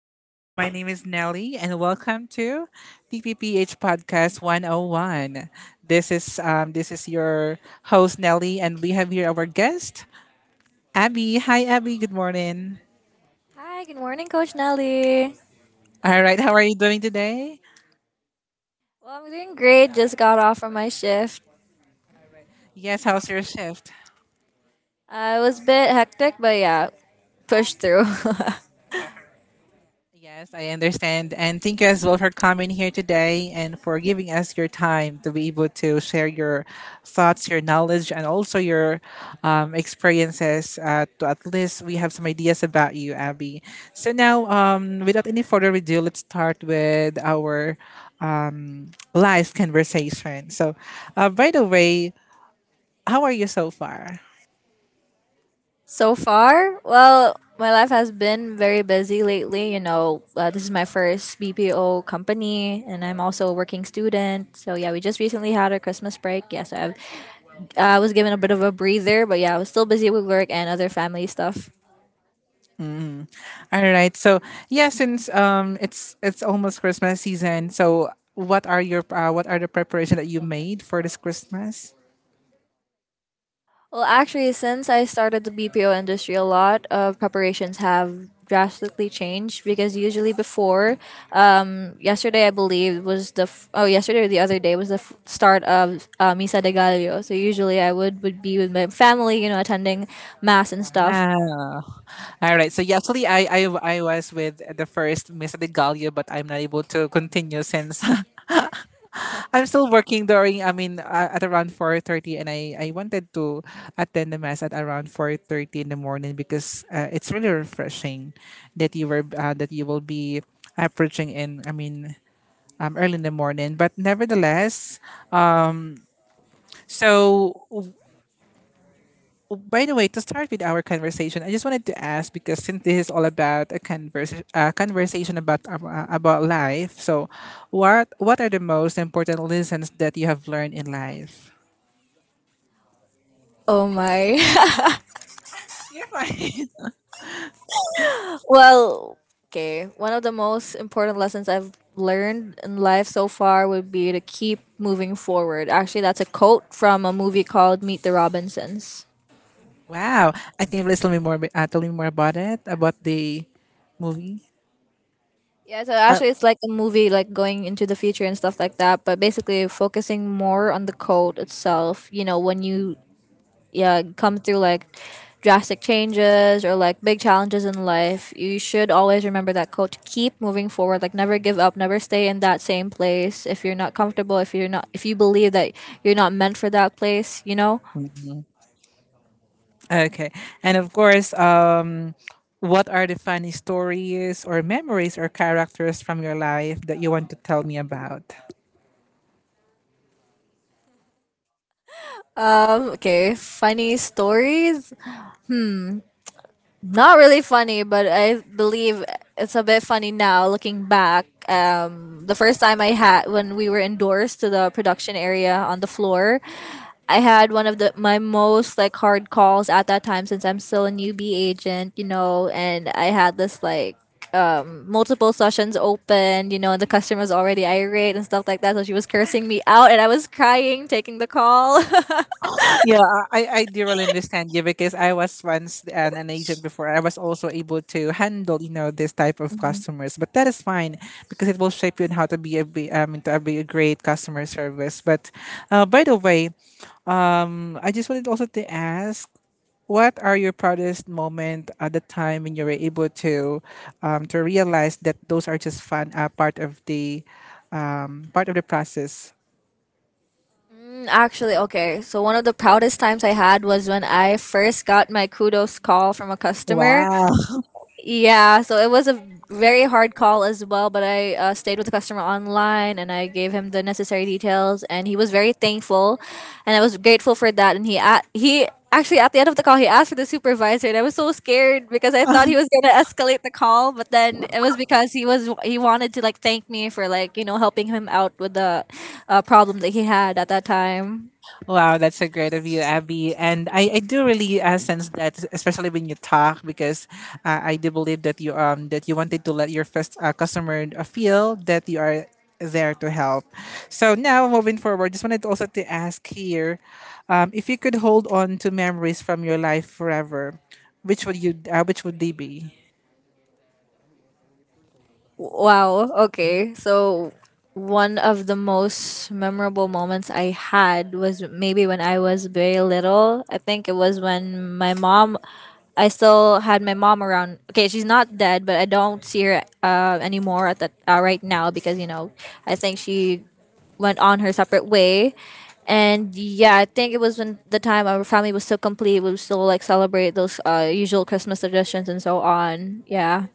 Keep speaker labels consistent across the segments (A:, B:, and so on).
A: everyone. My name is Nelly, and welcome to TPPH Podcast 101. This is your host Nelly, and we have here our guest Abby. Hi, Abby. Good morning.
B: Hi, good morning, Coach Nelly.
A: All right. How are you doing today?
B: Well, I'm doing great. Just got off from my shift.
A: Yes. How's your shift?
B: It was a bit hectic, but yeah, pushed through.
A: Yes, I understand. And thank you as well for coming here today and for giving us your time to be able to share your thoughts, your knowledge, and also your experiences. To at least we have some ideas about you, Abby. So now, without any further ado, let's start with our um, live conversation. So, by the way, how are you so far?
B: So far, well, my life has been very busy lately. You know, this is my first BPO company, and I'm also a working student. So yeah, we just recently had our Christmas break. I was given a bit of a breather, but yeah, I was still busy with work and other family stuff.
A: All right. So yeah, since it's almost Christmas season, so what are your what are the preparation that you made for this Christmas?
B: Well, actually, since I started the BPO industry, a lot of preparations have drastically changed because usually before, yesterday I believe was oh yesterday or the other day was the start of Misa de Gallo. So usually I would be with my family, you know, attending mass and stuff.
A: Wow. All right. So yeah, actually, I was with the first Miss de Gallo, but I'm not able to continue since I'm still working during. I mean, at around 4:30, and I wanted to attend the mass at around 4:30 in the morning because it's really refreshing that you were that you will be approaching in. I mean, early in the morning. But nevertheless, so w- by the way, to start with our conversation, I just wanted to ask because since this is all about a conversation about life, so what are the most important lessons that you have learned in life?
B: Oh my.
A: You're fine.
B: Well, okay. One of the most important lessons I've learned in life so far would be to keep moving forward. Actually, that's a quote from a movie called Meet the Robinsons.
A: Wow, I think please tell me more. Tell me more about it about the movie.
B: Yeah, so
A: Uh,
B: actually, it's like a movie, like going into the future and stuff like that. But basically, focusing more on the code itself. You know, when you yeah come through like drastic changes or like big challenges in life, you should always remember that code to keep moving forward. Like never give up, never stay in that same place. If you're not comfortable, if you're not, if you believe that you're not meant for that place, you know.
A: Okay. And of course, what are the funny stories or memories or characters from your life that you want to tell me about?
B: Okay. Funny stories. Not really funny, but I believe it's a bit funny now looking back. The first time I had when we were indoors to the production area on the floor, I had one of the my most like hard calls at that time since I'm still a newbie agent, you know, and I had this like multiple sessions open, you know, and the customer was already irate and stuff like that. So she was cursing me out, and I was crying, taking the call.
A: Yeah, I do really understand you because I was once an agent before. I was also able to handle, you know, this type of customers. But that is fine because it will shape you in how to be to be a great customer service. But by the way, I just wanted also to ask. What are your proudest moment at the time when you were able to realize that those are just fun part of the process?
B: Actually, okay. So one of the proudest times I had was when I first got my kudos call from a customer.
A: Wow.
B: Yeah, so it was a very hard call as well, but I stayed with the customer online and I gave him the necessary details and he was very thankful and I was grateful for that and he actually at the end of the call he asked for the supervisor and I was so scared because I thought he was going to escalate the call, but then it was because he wanted to like thank me for, like, you know, helping him out with the problem that he had at that time.
A: Wow, that's so great of you, Abby. And I do really sense that, especially when you talk, because I do believe that you wanted to let your first customer feel that you are there to help. So now moving forward, just wanted also to ask here, if you could hold on to memories from your life forever, which would they be?
B: Wow. Okay. So one of the most memorable moments I had was maybe when I was very little. I think it was when my mom I still had my mom around. Okay, she's not dead, but I don't see her anymore at that right now because you know, I think she went on her separate way. And yeah, I think it was when the time our family was still complete, we would still like celebrate those usual Christmas traditions and so on. Yeah.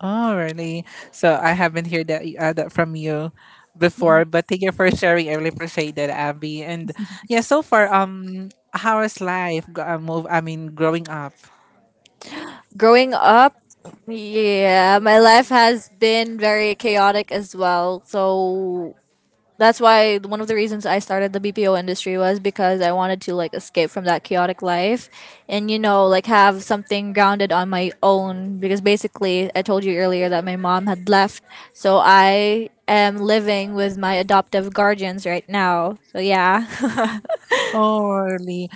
A: Oh, really? So I haven't heard that from you before, but thank you for sharing. I really appreciate that, Abby. And yeah, so far, how is life? I mean, growing up.
B: Growing up, yeah, my life has been very chaotic as well. So that's why one of the reasons I started the BPO industry was because I wanted to like escape from that chaotic life and you know, like have something grounded on my own because basically I told you earlier that my mom had left. So I am living with my adoptive guardians right now. So yeah.
A: Oh, really?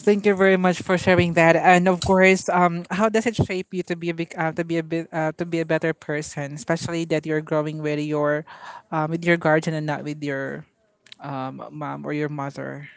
A: Thank you very much for sharing that. And of course, how does it shape you to be a big, to be a bit, to be a better person, especially that you're growing with your guardian and not with your mom or your mother.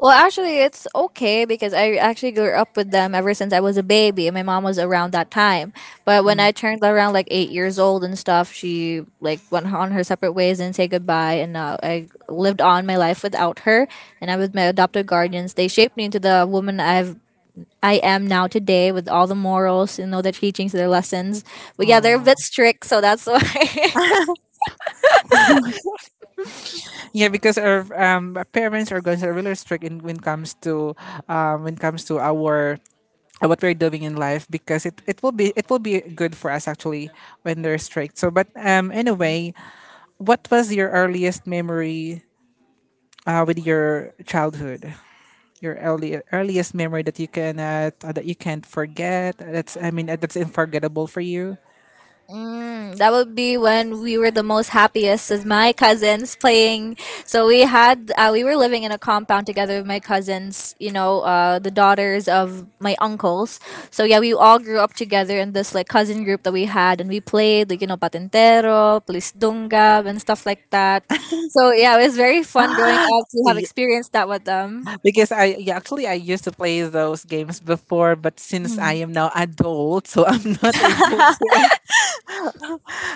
B: Well, actually, it's okay because I actually grew up with them ever since I was a baby. My mom was around that time, but when I turned around like 8 years old and stuff, she like went on her separate ways and say goodbye. And I lived on my life without her, and I was my adopted guardians. They shaped me into the woman I've. I am now today with all the morals, you know, the teachings, their lessons. But yeah, they're a
A: Mm.
B: bit strict, so that's why.
A: Yeah, because our parents or guns are really strict in, when comes to our what we're doing in life because it will be good for us actually when they're strict. So, but anyway, what was your earliest memory with your childhood? Your earliest memory that you cannot that you can't forget. That's that's unforgettable for you.
B: Mm, that would be when we were the most happiest with my cousins playing. So we were living in a compound together with my cousins, you know, the daughters of my uncles. So yeah, we all grew up together in this like cousin group that we had, and we played like you know patentero, police dungab, and stuff like that. So yeah, it was very fun growing up to have experienced that with them.
A: Because I yeah, actually I used to play those games before, but since I
B: Mm.
A: am now adult, so I'm not able to.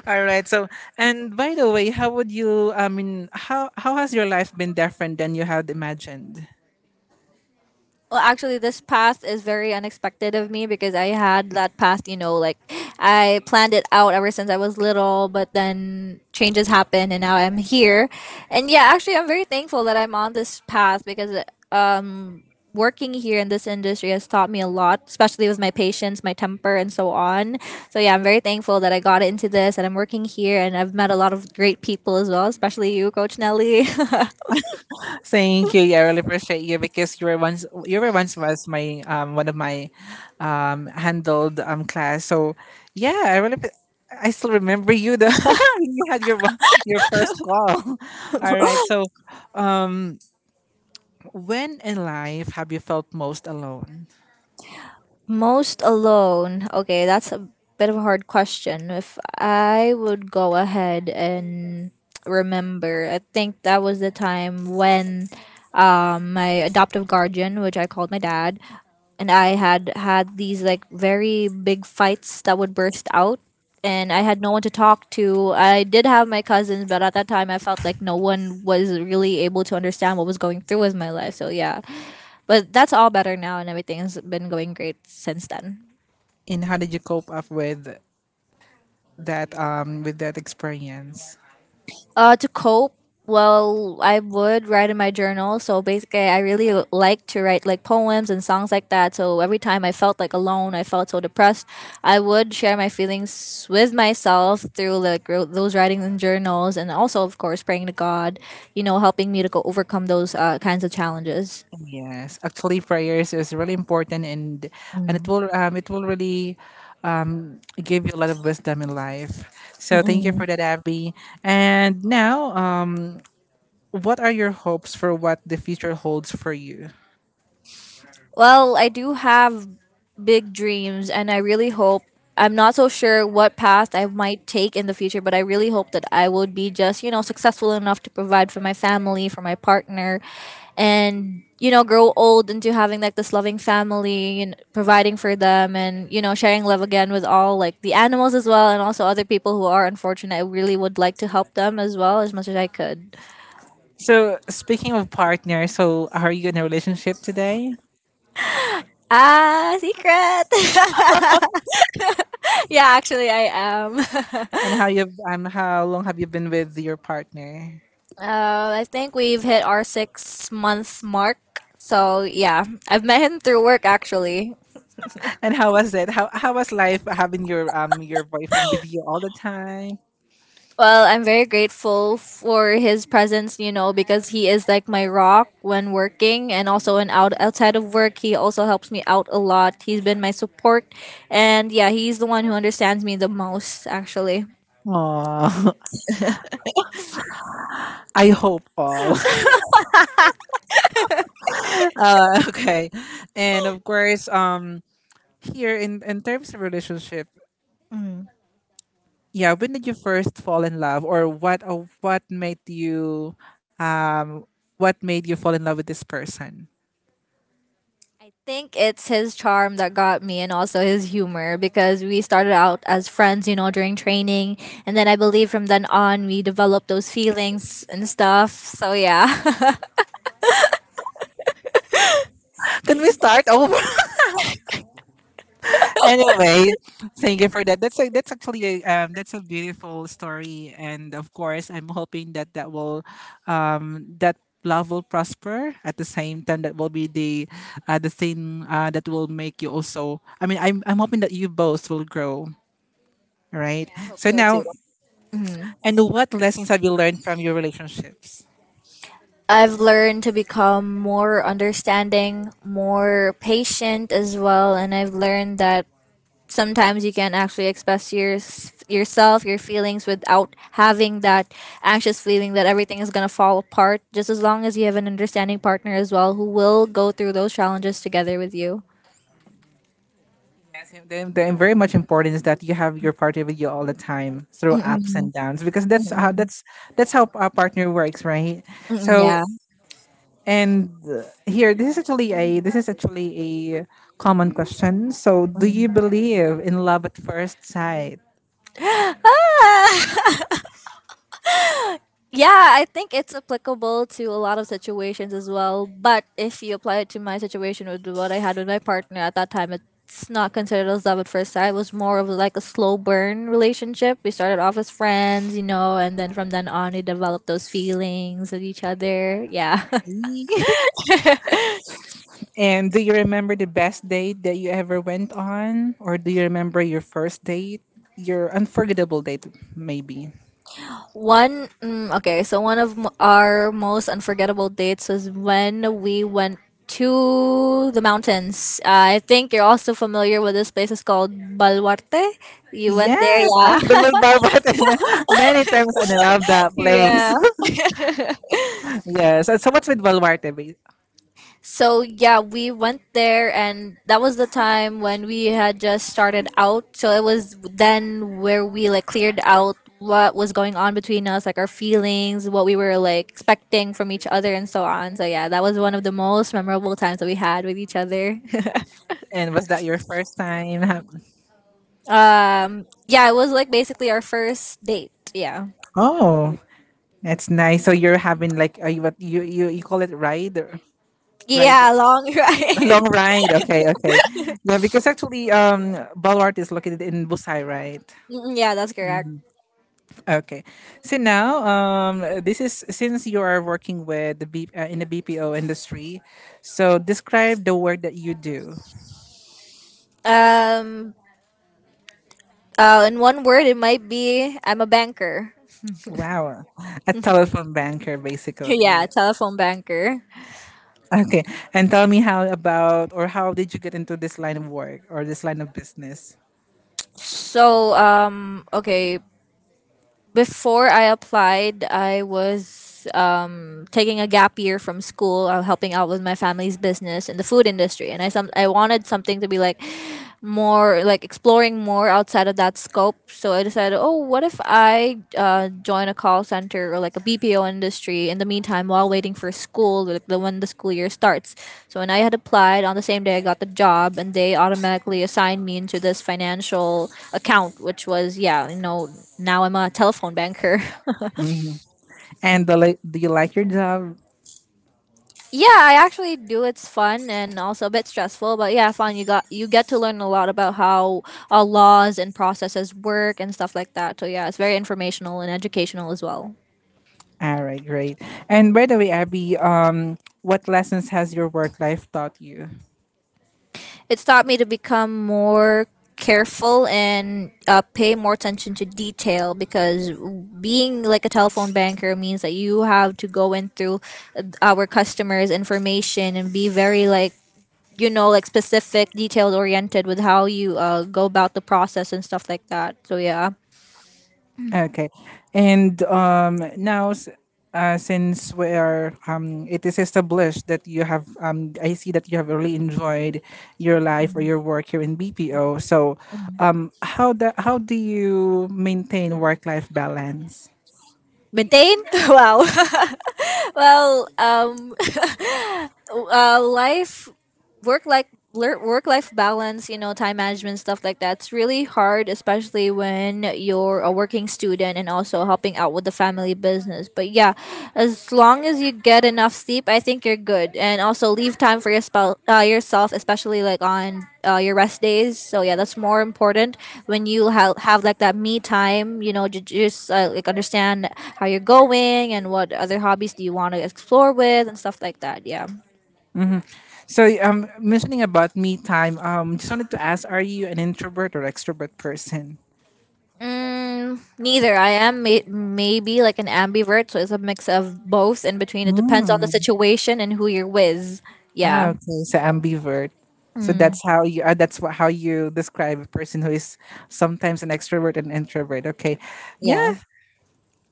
A: All right. So and by the way, how would you? I mean, how has your life been different than you had imagined?
B: Well, actually, this path is very unexpected of me because I had that path, you know, like I planned it out ever since I was little, but then changes happen and now I'm here. And yeah, actually I'm very thankful that I'm on this path because um working here in this industry has taught me a lot, especially with my patience, my temper, and so on. So yeah, I'm very thankful that I got into this and I'm working here and I've met a lot of great people as well, especially you, Coach Nelly.
A: Thank you. Yeah, I really appreciate you because you were once was my one of my handled class. So yeah, I really. I still remember you the you had your first call. All right. So when in life have you felt most alone?
B: Most alone. Okay, that's a bit of a hard question. If I would go ahead and remember, I think that was the time when my adoptive guardian, which I called my dad, and I had these like very big fights that would burst out and I had no one to talk to. I did have my cousins, but at that time I felt like no one was really able to understand what was going through with my life. So yeah, but that's all better now, and everything's been going great since then.
A: And how did you cope up with that experience?
B: To cope, well, I would write in my journal. So basically, I really like to write like poems and songs like that. So every time I felt like alone, I felt so depressed, I would share my feelings with myself through like those writings and journals, and also, of course, praying to God, you know, helping me to go overcome those kinds of challenges.
A: Yes, actually prayers is really important and
B: Mm.
A: it will really give you a lot of wisdom in life. So thank you
B: Mm-mm.
A: for that, Abby. And now what are your hopes for what the future holds for you?
B: Well, I do have big dreams and I really hope I'm not so sure what path I might take in the future, but I really hope that I would be just, you know, successful enough to provide for my family, for my partner, and, you know, grow old into having like this loving family and providing for them and, you know, sharing love again with all like the animals as well and also other people who are unfortunate. I really would like to help them as well as much as I could.
A: So speaking of partner, so are you in a relationship today?
B: Ah, secret! Yeah, actually, I am.
A: And how long have you been with your partner?
B: I think we've hit our 6 months mark. So yeah, I've met him through work actually.
A: And how was it? How was life having your boyfriend with you all the time?
B: Well, I'm very grateful for his presence, you know, because he is like my rock when working and also when outside of work, he also helps me out a lot. He's been my support and yeah, he's the one who understands me the most actually.
A: Oh, I hope all. Okay, and of course, here in terms of relationship, yeah. When did you first fall in love, or um what made you fall in love with this person?
B: I think it's his charm that got me and also his humor because we started out as friends, you know, during training. And then I believe from then on, we developed those feelings and stuff. So, yeah.
A: Can we start over? Anyway, thank you for that. That's actually that's a beautiful story, and of course, I'm hoping that that will that love will prosper at the same time that will be the thing that will make you also I mean I'm hoping that you both will grow,
B: Yeah,
A: right?
B: I hope
A: So
B: so too.
A: now
B: Mm.
A: and what lessons have you learned from your relationships?
B: I've learned to become more understanding, more patient as well. And I've learned that sometimes you can actually yourself, your feelings without having that anxious feeling that everything is going to fall apart, just as long as you have an understanding partner as well who will go through those challenges together with you.
A: Yes, and the very much important is that you have your partner with you all the time through
B: Mm-mm,
A: ups and downs because
B: mm-mm,
A: that's how a partner works, right?
B: mm-mm,
A: So
B: yeah.
A: and here, this is actually a common question. So, do you
B: Mm.
A: believe in love at first sight?
B: Ah! Yeah, I think it's applicable to a lot of situations as well. But if you apply it to my situation with what I had with my partner at that time, it's not considered as love at first sight. It was more of like a slow burn relationship. We started off as friends, you know, and then from then on, we developed those feelings with each other. Yeah.
A: And do you remember the best date that you ever went on, or do you remember your first date, your unforgettable date, maybe?
B: Okay, so one of our most unforgettable dates was when we went to the mountains. I think you're also familiar with this place. It's called Balwarte. You went there,
A: Yes, I've been with Balwarte many times, and I love that place.
B: yeah. Yeah.
A: Yes. So, so what's with Balwarte?
B: So yeah, we went there, and that was the time when we had just started out. So it was then where we like cleared out what was going on between us, like our feelings, what we were like expecting from each other, and so on. So yeah, that was one of the most memorable times that we had with each other.
A: And was that your first time?
B: Um, yeah, it was like basically our first date. Yeah,
A: Oh, that's nice. So you're having like a, what you call it ride or ride
B: yeah, long ride.
A: long ride. Okay, okay. Yeah, because actually Baluarte is located in Busai, right?
B: Mm, yeah, that's correct.
A: Okay. So now this is since you are working with the B, in the BPO industry, so describe the work that you do.
B: Um, in one word, it might be I'm a banker.
A: Wow. A telephone banker
B: Yeah,
A: basically.
B: telephone banker.
A: Okay. And tell me how about or how did you get into this line of work or this line of business?
B: So, um, okay, Before I applied, I was taking a gap year from school, helping out with my family's business in the food industry, and I wanted something to be like exploring more outside of that scope. So I decided, oh, what if I join a call center or like a BPO industry in the meantime while waiting for school, like the when the school year starts. So when I had applied on the same day, I got the job, and they automatically assigned me into this financial account, which was, yeah, you know, now I'm a telephone banker.
A: And do you like your job?
B: yeah, I actually do. It's fun and also a bit stressful, but yeah, fun. You get to learn a lot about how laws and processes work and stuff like that. So yeah, it's very informational and educational as well.
A: All right, great. And by the way, Abby, what lessons has your work life taught you?
B: It's taught me to become more careful and pay more attention to detail, because being like a telephone banker means that you have to go in through our customers information and be very like, you know, like specific, detail oriented with how you go about the process and stuff like that, so yeah.
A: Okay, and since we are it is established that you have I see that you have really enjoyed your life or your work here in BPO. So, how do you maintain work life balance?
B: Maintain? Wow. well, life, work like Work life balance, you know, time management, stuff like that. It's really hard, especially when you're a working student and also helping out with the family business. But yeah, as long as you get enough sleep, I think you're good, and also leave time for your yourself, especially like on your rest days. So yeah, that's more important, when you have like that me time. You know, just like understand how you're going and what other hobbies do you want to explore with and stuff like that. Yeah.
A: Mhm. So, mentioning about me time, just wanted to ask, are you an introvert or extrovert person?
B: Mm, neither. I am maybe like an ambivert, so it's a mix of both in between. It depends on the
A: Mm.
B: situation and who you're with.
A: Ah,
B: Yeah.
A: okay. So ambivert. So
B: Mm,
A: that's how you. How you describe a person who is sometimes an extrovert and introvert. Okay,
B: yeah.
A: yeah.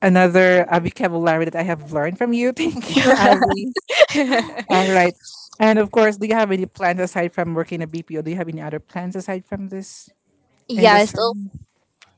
A: Another vocabulary that I have learned from you. Thank you, Abby. All right. And of course, do you have any plans aside from working at BPO? Do you have any other plans aside from this
B: yeah, it's still
A: industry?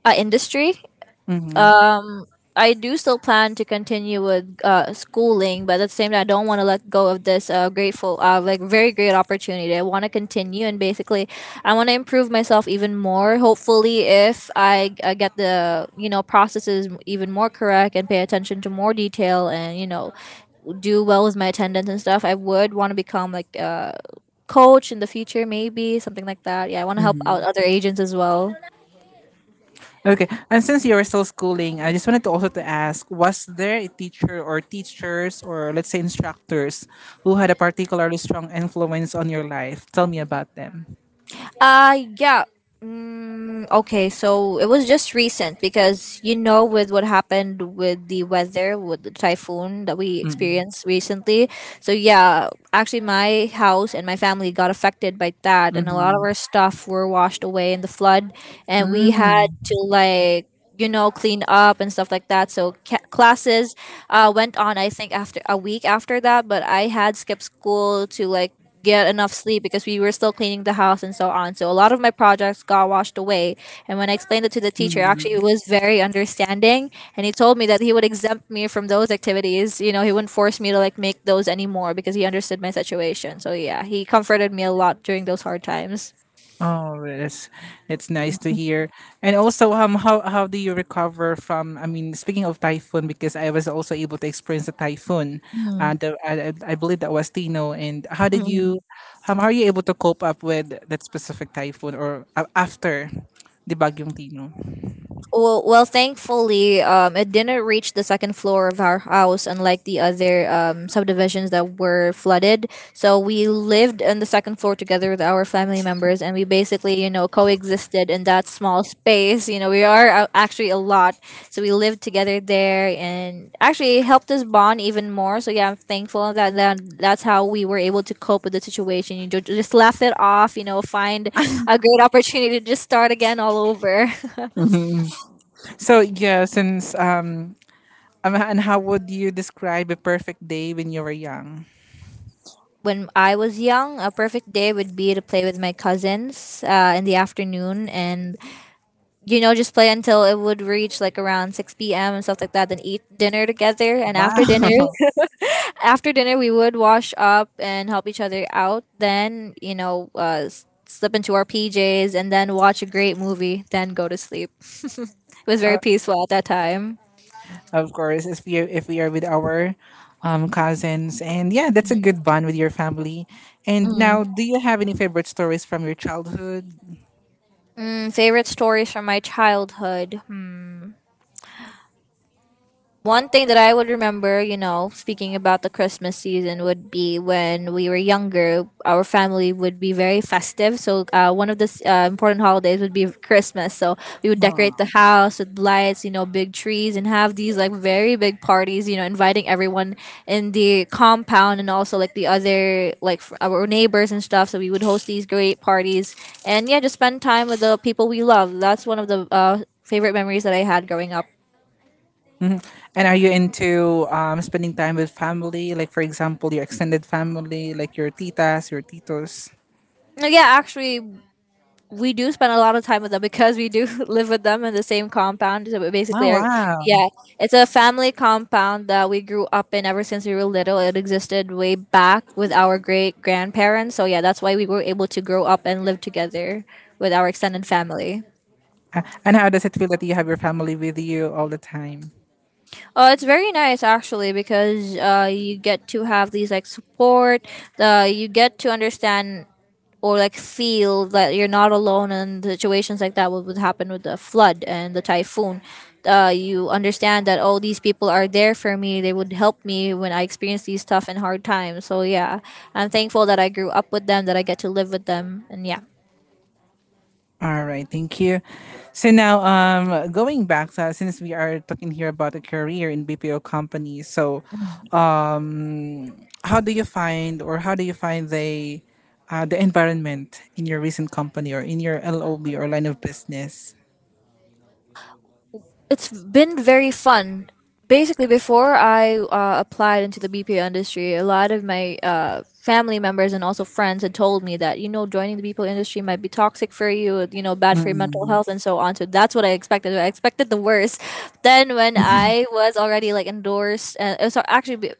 B: industry.
A: Mm-hmm.
B: um I do still plan to continue with schooling, but at the same time, I don't want to let go of this like very great opportunity. I want to continue, and basically, I want to improve myself even more. Hopefully, if I get the, you know, processes even more correct and pay attention to more detail, and, you know, do well with my attendance and stuff, I would want to become like a coach in the future, maybe something like that. Yeah, I want to help out
A: Mm-hmm.
B: other agents as well.
A: Okay, and since you were still schooling, I just wanted to also to ask: was there a teacher or teachers or let's say instructors who had a particularly strong influence on your life? Tell me about them.
B: Uh, yeah. Mm, okay, so it was just recent because, you know, with what happened with the weather, with the typhoon that we
A: Mm-hmm.
B: experienced recently. So yeah, actually my house and my family got affected by that, and a lot of our stuff were washed away in the flood, and we had
A: Mm-hmm.
B: to like, you know, clean up and stuff like that. So classes went on, I think, after a week after that, but I had skipped school to like get enough sleep because we were still cleaning the house and so on. So a lot of my projects got washed away. And when I explained it to the teacher, actually he was very understanding, and he told me that he would exempt me from those activities. You know, he wouldn't force me to like make those anymore because he understood my situation. So yeah, he comforted me a lot during those hard times.
A: Oh, it's nice to hear. And also, how do you recover from? I mean, speaking of typhoon, because I was also able to experience a typhoon.
B: Mm,
A: I believe that was Tino. And how did
B: mm.
A: you, how are you able to cope up with that specific typhoon or after the Bagyong Tino?
B: Well, thankfully, it didn't reach the second floor of our house, unlike the other subdivisions that were flooded. So we lived in the second floor together with our family members, and we basically, you know, coexisted in that small space. You know, we are actually a lot, so we lived together there, and actually it helped us bond even more. So yeah, I'm thankful that that's how we were able to cope with the situation. You just laugh it off, you know, find a great opportunity to just start again all over.
A: Hmm. So yeah, since and how would you describe a perfect day when you were young?
B: When I was young, a perfect day would be to play with my cousins in the afternoon and, you know, just play until it would reach like around 6 p.m. and stuff like that, then eat dinner together. And after dinner,
A: Wow.
B: after dinner, we would wash up and help each other out. Then, you know, slip into our PJs and then watch a great movie, then go to sleep. it was very peaceful at that time.
A: Of course, if we are with our cousins, and yeah, that's a good bond with your family. And
B: Mm.
A: now, do you have any favorite stories from your childhood?
B: Mm, favorite stories from my childhood? Hmm. One thing that I would remember, you know, speaking about the Christmas season, would be when we were younger, our family would be very festive. So, one of the important holidays would be Christmas. So, we would decorate the
A: Aw.
B: house with lights, you know, big trees, and have these like very big parties, you know, inviting everyone in the compound and also like the other, like our neighbors and stuff. So, we would host these great parties, and yeah, just spend time with the people we love. That's one of the favorite memories that I had growing up.
A: Mhm. And are you into spending time with family, like for example, your extended family, like your titas, your titos?
B: Yeah, actually, we do spend a lot of time with them because we do live with them in the same compound. So we
A: Oh
B: basically, are,
A: wow!
B: yeah, it's a family compound that we grew up in ever since we were little. It existed way back with our great grandparents. So yeah, that's why we were able to grow up and live together with our extended family.
A: And how does it feel that you have your family with you all the time?
B: Oh, it's very nice actually because you get to have these like support. You get to understand or like feel that you're not alone in situations like that, what would happen with the flood and the typhoon. You understand that, oh, these people are there for me, they would help me when I experience these tough and hard times, so yeah, I'm thankful that I grew up with them, that I get to live with them, and yeah,
A: All right, thank you. So now, going back, since we are talking here about a career in BPO companies, so Um, How do you find or how do you find the environment in your recent company or in your LOB or line of business?
B: it's been very fun. Basically, before I applied into the BPO industry, a lot of my family members and also friends had told me that, you know, joining the BPO industry might be toxic for you, you know, bad for your mental
A: Mm.
B: health and so on. So that's what I expected. I expected the worst. Then when I was already like endorsed, and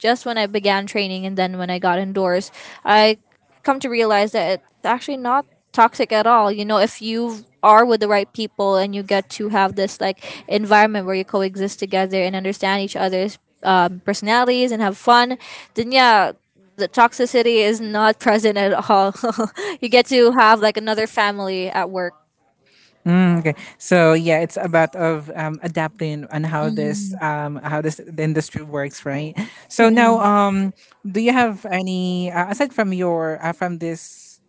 B: just when I began training and then when I got endorsed, I come to realize that it's actually not toxic at all. You know, if you are with the right people and you get to have this like environment where you coexist together and understand each other's personalities and have fun, then yeah, the toxicity is not present at all. you get to have like another family at work.
A: Mm, okay, so yeah, it's about of adapting on how this the industry works, right? So now,
B: Mm.
A: do you have any aside from your from this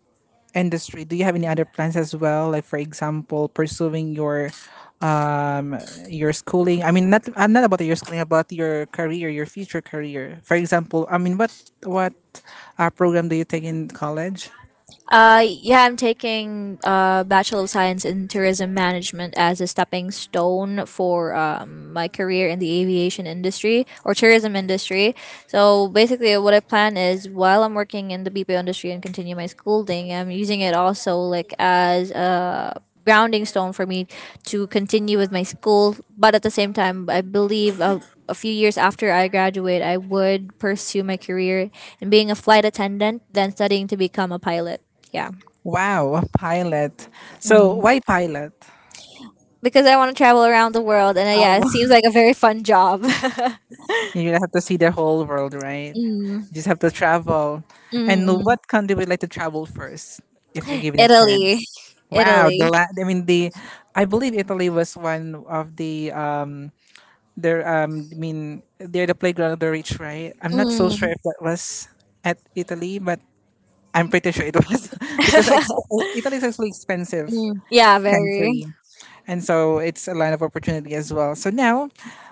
A: industry, do you have any other plans as well? Like for example, pursuing um your schooling. I mean not about your schooling, about your career, your future career. For example, I mean what program do you take in college?
B: Yeah, I'm taking Bachelor of Science in Tourism Management as a stepping stone for my career in the aviation industry or tourism industry. So basically, what I plan is while I'm working in the BPO industry and continue my schooling, I'm using it also like as a grounding stone for me to continue with my school. But at the same time, I believe a few years after I graduate, I would pursue my career in being a flight attendant, then studying to become a pilot. Yeah.
A: Wow, a pilot. So
B: Mm.
A: why pilot?
B: Because I want to travel around the world. And
A: Uh,
B: yeah, it seems like a very fun job. mm.
A: You don't have to see the whole world, right? You just have to travel.
B: Mm,
A: And
B: mm.
A: what country would you like to travel first if you're given a
B: Italy.
A: chance? Wow,
B: Italy.
A: I mean the I believe Italy was one of the their I mean they're the playground of the rich, right? I'm not so sure
B: Mm.
A: if that was at Italy, but I'm pretty sure it was because ex- Italy is actually expensive
B: Mm. Yeah, very.
A: country. And so it's a land of opportunity as well. So now,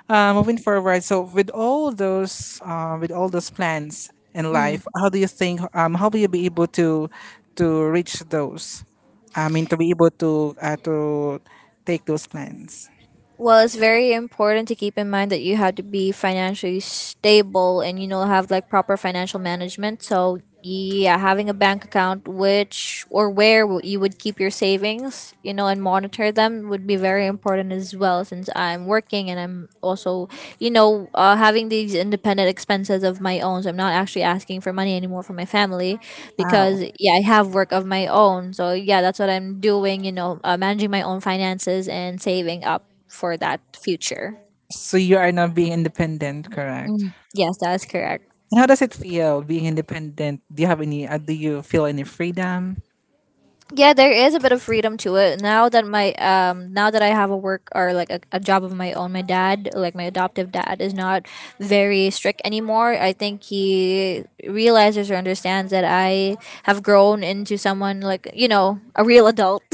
A: moving forward, so with all those plans in
B: Mm.
A: life, how do you think? How will you be able to reach those? I mean, to be able to take those plans.
B: Well, it's very important to keep in mind that you have to be financially stable, and you know, have like proper financial management. So yeah, having a bank account which, or where you would keep your savings, you know, and monitor them, would be very important as well, since I'm working and I'm also, you know, having these independent expenses of my own, so I'm not actually asking for money anymore from my family
A: Wow.
B: because yeah, I have work of my own. So yeah, that's what I'm doing. You know, managing my own finances and saving up for that future.
A: So you are not being independent, correct?
B: Mm, yes, that's correct.
A: And how does it feel being independent? Do you have any? Do you feel any freedom?
B: Yeah, there is a bit of freedom to it now that I have a work or like a job of my own. My dad, like my adoptive dad, is not very strict anymore. I think he realizes or understands that I have grown into someone, like a real adult.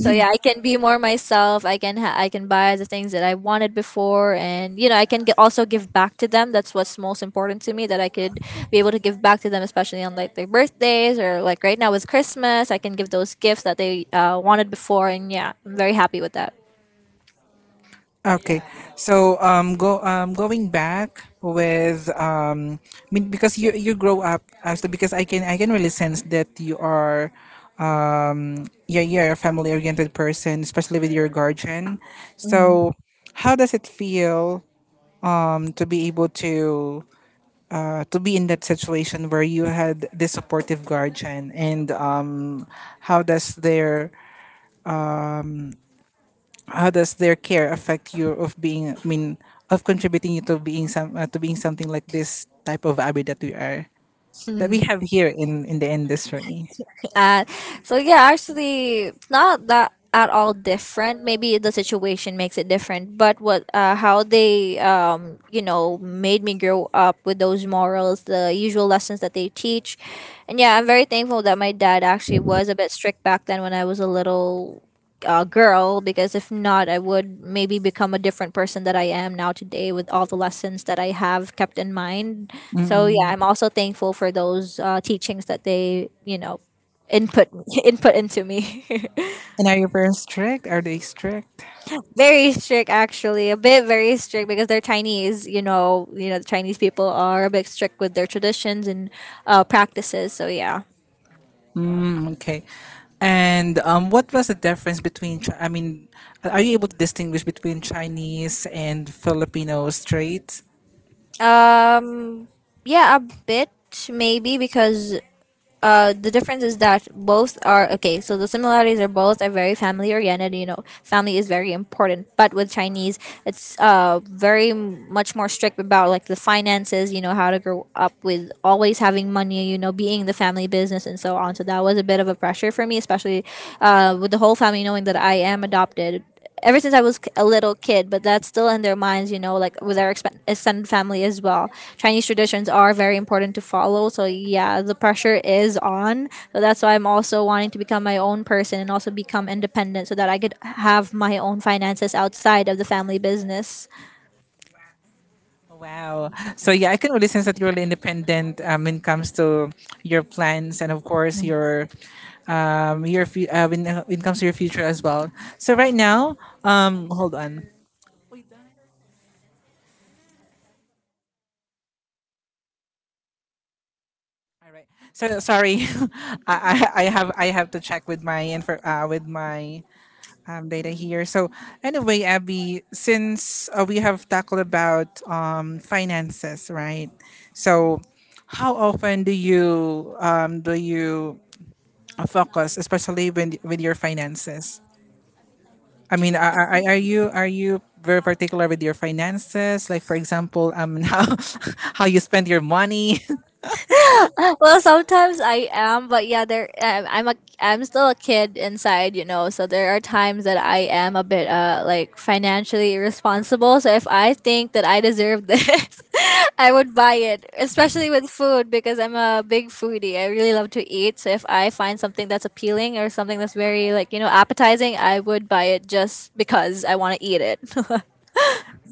B: So yeah, I can be more myself. I can I can buy the things that I wanted before, and I can get, also give back to them. That's what's most important to me, that I could be able to give back to them, especially on like their birthdays or like right now with Christmas. I can give those gifts that they wanted before, and yeah, I'm very happy with that.
A: Okay, so go going back with I mean, because you grow up as the because I can really sense that you're a family oriented person, especially with your guardian.
B: Mm.
A: So, how does it feel to be able to be in that situation where you had this supportive guardian, and how does their how does their care affect you of being I mean of contributing you to being some to being something like this type of abbey that we are that
B: Mm.
A: we have here in the industry
B: At. So yeah, actually, it's not that at all different. Maybe the situation makes it different, but what how they made me grow up with those morals, the usual lessons that they teach, and yeah, I'm very thankful that my dad actually was a bit strict back then when I was a little. Girl, because if not, I would maybe become a different person that I am now today with all the lessons that I have kept in mind. So yeah,
A: mm.
B: I'm also thankful for those teachings that they, input input into me.
A: And are your parents strict are they strict?
B: Very strict actually. A bit very strict because they're Chinese, you know, the Chinese people are a bit strict with their traditions and practices. So yeah.
A: Mm, okay. And what was the difference between I mean are you able to distinguish between Chinese and Filipino traits?
B: Um yeah, a bit maybe because the difference is that both are okay. So the similarities are both are very family oriented. You know, family is very important. But with Chinese, it's very much more strict about like the finances. You know, how to grow up with always having money. You know, being the family business and so on. So that was a bit of a pressure for me, especially with the whole family knowing that I am adopted ever since I was a little kid, but that's still in their minds, you know, like with our extended family as well. Chinese traditions are very important to follow. So, yeah, the pressure is on. So, that's why I'm also wanting to become my own person and also become independent so that I could have my own finances outside of the family business.
A: Oh, wow. So yeah, I can really sense that you're really independent when it comes to your plans and of course your when it comes to your future as well. So right now, hold on. All right. So sorry, I, I I have to check with my info with my data here. So anyway, Abby, since we have tackled about finances, right? So how often do you focus, especially when with your finances. I mean, are you very particular with your finances? Like, for example, how you spend your money,
B: Well, sometimes I am, but I'm a I'm still a kid inside, you know. So there are times that I am a bit like financially irresponsible. So if I think that I deserve this, I would buy it, especially with food because I'm a big foodie. I really love to eat. So if I find something that's appealing or something that's very like, you know, appetizing, I would buy it just because I want to eat it.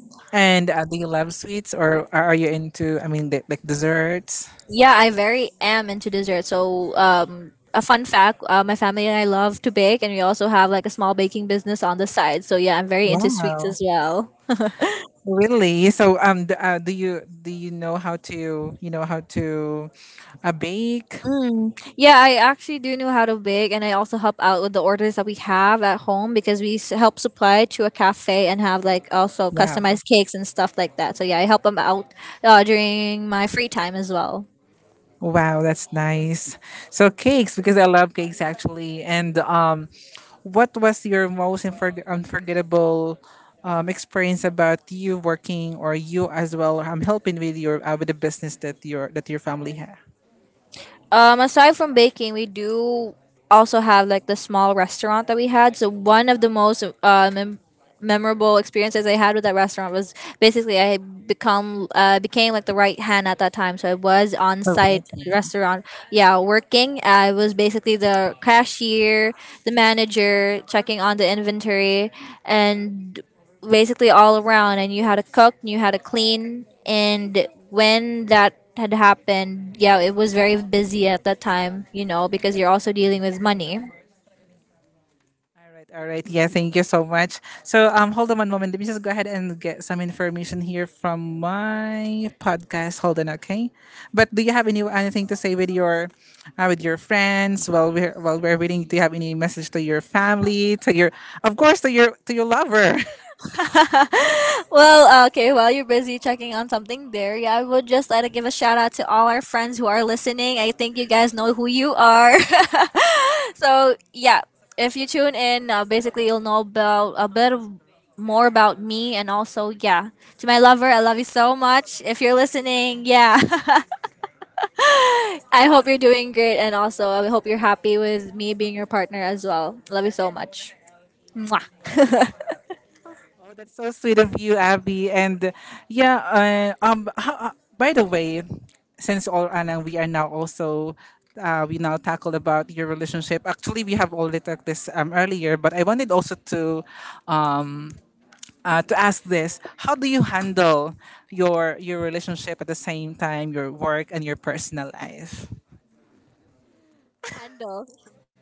A: and do you love sweets or are you into? I mean, the, like desserts.
B: Yeah, I very am into dessert. So, a fun fact: my family and I love to bake, and we also have like a small baking business on the side. So yeah, I'm very into sweets
A: Wow,
B: as well.
A: really? So, do you know how to bake?
B: Mm. Yeah, I actually do know how to bake, and I also help out with the orders that we have at home because help supply to a cafe and have like also
A: Yeah.
B: customized cakes and stuff like that. So yeah, I help them out during my free time as well.
A: Wow, that's nice. So cakes, because I love cakes actually. And what was your most unforgettable experience about you working or you as well? I'm helping with your with the business that your family
B: Aside from baking, we do also have like the small restaurant that we had. So one of the most memorable experiences I had with that restaurant was basically I become became like the right hand at that time. So I was on site
A: alright.
B: restaurant, yeah, working. I was basically the cashier, the manager, checking on the inventory, and basically all around. I knew how to cook, knew how to clean, and when that had happened, yeah, it was very busy at that time, you know, because you're also dealing with money.
A: All right, all right. Yeah, thank you so much. So, hold on one moment. Let me just go ahead and get some information here from my podcast. Hold on, okay. But do you have any anything to say with your friends while we're waiting? Do you have any message to your family, to your, of course, to your lover?
B: Well, okay, while you're busy checking on something there, yeah, I would just like to give a shout out to all our friends who are listening. I think you guys know who you are. So, yeah, if you tune in, basically you'll know about a bit of more about me and also, yeah, to my lover, I love you so much. If you're listening, yeah, I hope you're doing great and also I hope you're happy with me being your partner as well. Love you so much. Mwah.
A: Oh, that's so sweet of you, Abby. And yeah, how, by the way, since all Anna, we are now also we now tackled about your relationship. Actually, we have already talked this earlier, but I wanted also um, to ask this: How do you handle your relationship at the same time, your work and your personal life?
B: Handle.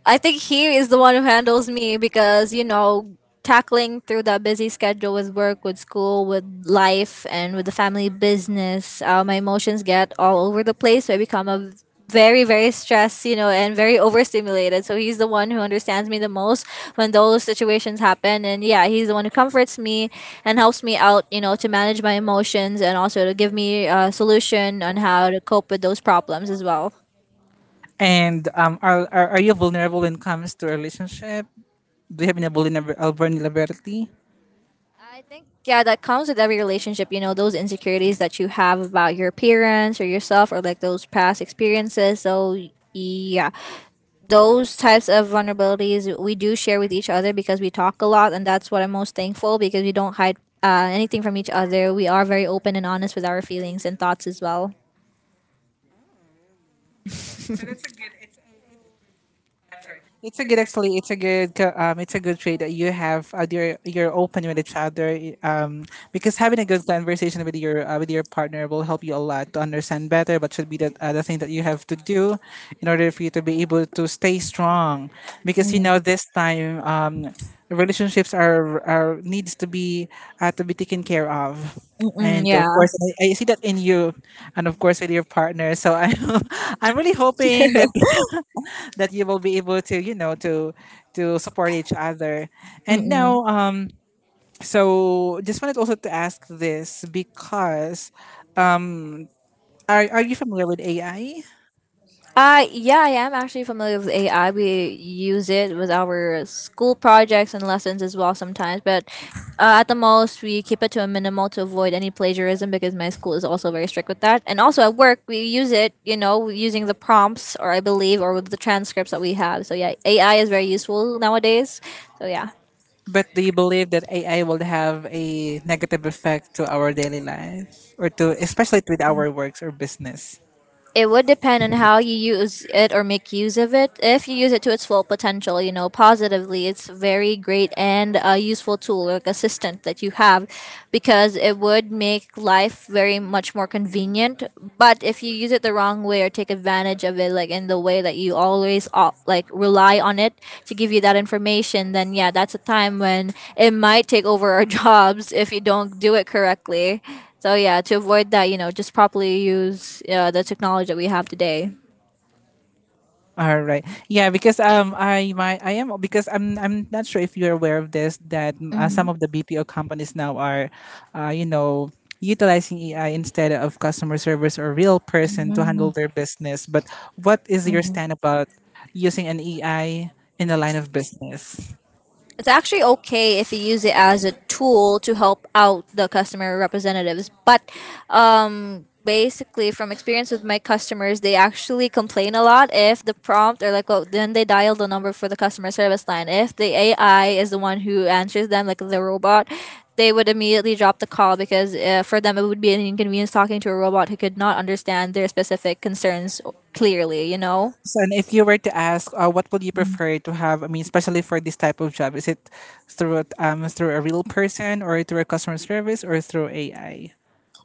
B: I think he is the one who handles me because, you know, tackling through that busy schedule with work, with school, with life, and with the family business, my emotions get all over the place. So I become a very, very stressed, you know, and very overstimulated. So he's the one who understands me the most when those situations happen. And yeah, he's the one who comforts me and helps me out, you know, to manage my emotions and also to give me a solution on how to cope with those problems as well.
A: And are you vulnerable when it comes to a relationship? Do you have any vulnerability?
B: I think yeah, that comes with every relationship, you know, those insecurities that you have about your appearance or yourself or like those past experiences. So yeah, those types of vulnerabilities we do share with each other because we talk a lot, and that's what I'm most thankful because we don't hide anything from each other. We are very open and honest with our feelings and thoughts as well.
A: I'm sorry. It's a good actually. It's a good It's a good trait that you have. You're open with each other. Because having a good conversation with your partner will help you a lot to understand better what should be the thing that you have to do in order for you to be able to stay strong because you
B: Mm,
A: know this time relationships are needs to be taken care of
B: mm-mm,
A: and of
B: yeah.
A: course I see that in you and of course with your partner so I'm I'm really hoping that that you will be able to you know to support each other and
B: Mm-mm.
A: now so just wanted also to ask this because um, are you familiar with AI?
B: Yeah, I am actually familiar with AI. We use it with our school projects and lessons as well sometimes, but at the most, we keep it to a minimal to avoid any plagiarism because my school is also very strict with that. And also at work, we use it, you know, using the prompts or I believe, or with the transcripts that we have. So, yeah, AI is very useful nowadays. So, yeah.
A: But do you believe that AI will have a negative effect to our daily life or to especially with our works or business?
B: It would depend on how you use it or make use of it. If you use it to its full potential, you know, positively, it's a very great and a useful tool, like assistant that you have, because it would make life very much more convenient. But if you use it the wrong way or take advantage of it, like in the way that you always off, like rely on it to give you that information, then yeah, that's a time when it might take over our jobs if you don't do it correctly. So yeah, to avoid that, you know, just properly use the technology that we have today.
A: All right. Yeah, because I my I am because I'm not sure if you're aware of this that mm, some of the BPO companies now are, you know, utilizing AI instead of customer service or real person to handle their business. But what is your
B: Mhm.
A: stand about using an AI in the line of business?
B: It's actually okay if you use it as a tool to help out the customer representatives, but basically from experience with my customers, they actually complain a lot if the prompt or like, well, then they dial the number for the customer service line, if the ai is the one who answers them, like the robot, they would immediately drop the call because for them it would be an inconvenience talking to a robot who could not understand their specific concerns clearly, you know.
A: So, and if you were to ask, what would you prefer to have? I mean, especially for this type of job, is it through through a real person or through a customer service or through AI?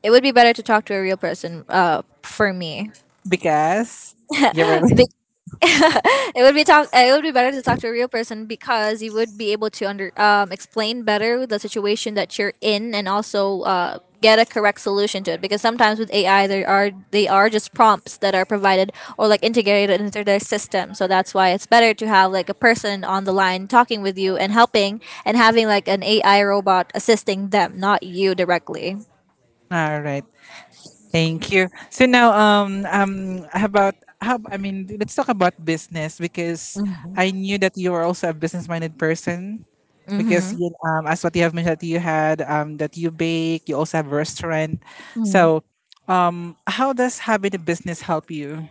B: It would be better to talk to a real person, for me.
A: Because you're
B: It would be better to talk to a real person because you would be able to under explain better the situation that you're in and also get a correct solution to it. Because sometimes with AI, there are they are just prompts that are provided or like integrated into their system. So that's why it's better to have like a person on the line talking with you and helping, and having like an AI robot assisting them, not you directly.
A: all right. Thank you. So now, how about how? I mean, let's talk about business because I
B: Mm-hmm.
A: knew that you are also a business-minded person. Because
B: Mm-hmm.
A: you, as what you have mentioned, that you had that you bake. You also have a restaurant. So, how does having a business help you?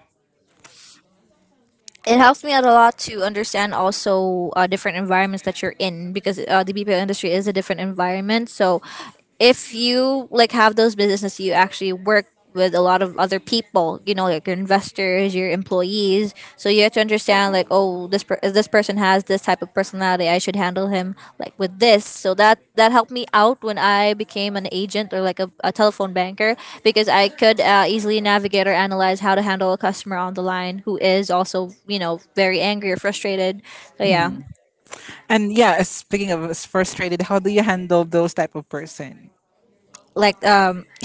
B: It helps me out a lot to understand also different environments that you're in because the BPO industry is a different environment. So if you like have those businesses, you actually work with a lot of other people, you know, like your investors, your employees, so you have to understand like, oh, this person has this type of personality, I should handle him like with this. So that helped me out when I became an agent or like a telephone banker because I could easily navigate or analyze how to handle a customer on the line who is also, you know, very angry or frustrated. So yeah.
A: Mhm. And yeah, speaking of as frustrated, how do you handle those type of person?
B: Like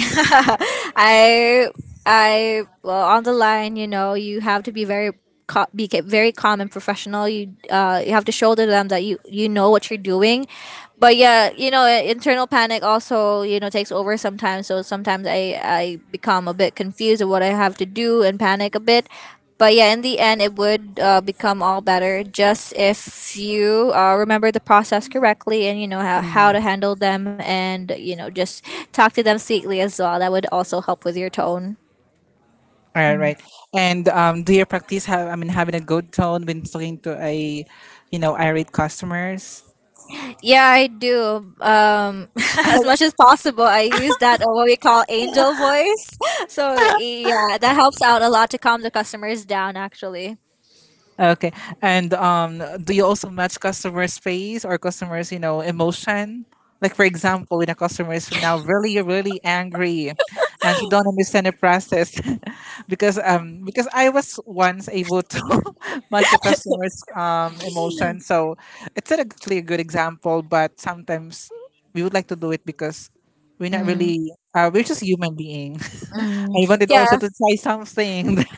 B: I I Well, on the line, you know, you have to be very very calm and professional. You you have to show to them that you know what you're doing. But yeah, you know, internal panic also, you know, takes over sometimes. So sometimes I become a bit confused of what I have to do and panic a bit. But yeah, in the end, it would become all better just if you remember the process correctly and you know how to handle them, and you know, just talk to them sweetly as well. That would also help with your tone.
A: All right, right. And do you practice have I mean having a good tone when talking to a, you know, irate customers?
B: Yeah, I do. As much as possible, I use that or what we call angel voice. So yeah, that helps out a lot to calm the customers down. Actually,
A: Okay. And do you also match customer space or customers, you know, emotion? Like for example, when a customer is now really, really angry, and she don't understand the process, because I was once able to match the customer's emotion, so it's not actually a good example. But sometimes we would like to do it because we're not
B: mm,
A: really we're just human being.
B: mm.
A: I wanted
B: Yeah,
A: also to try something.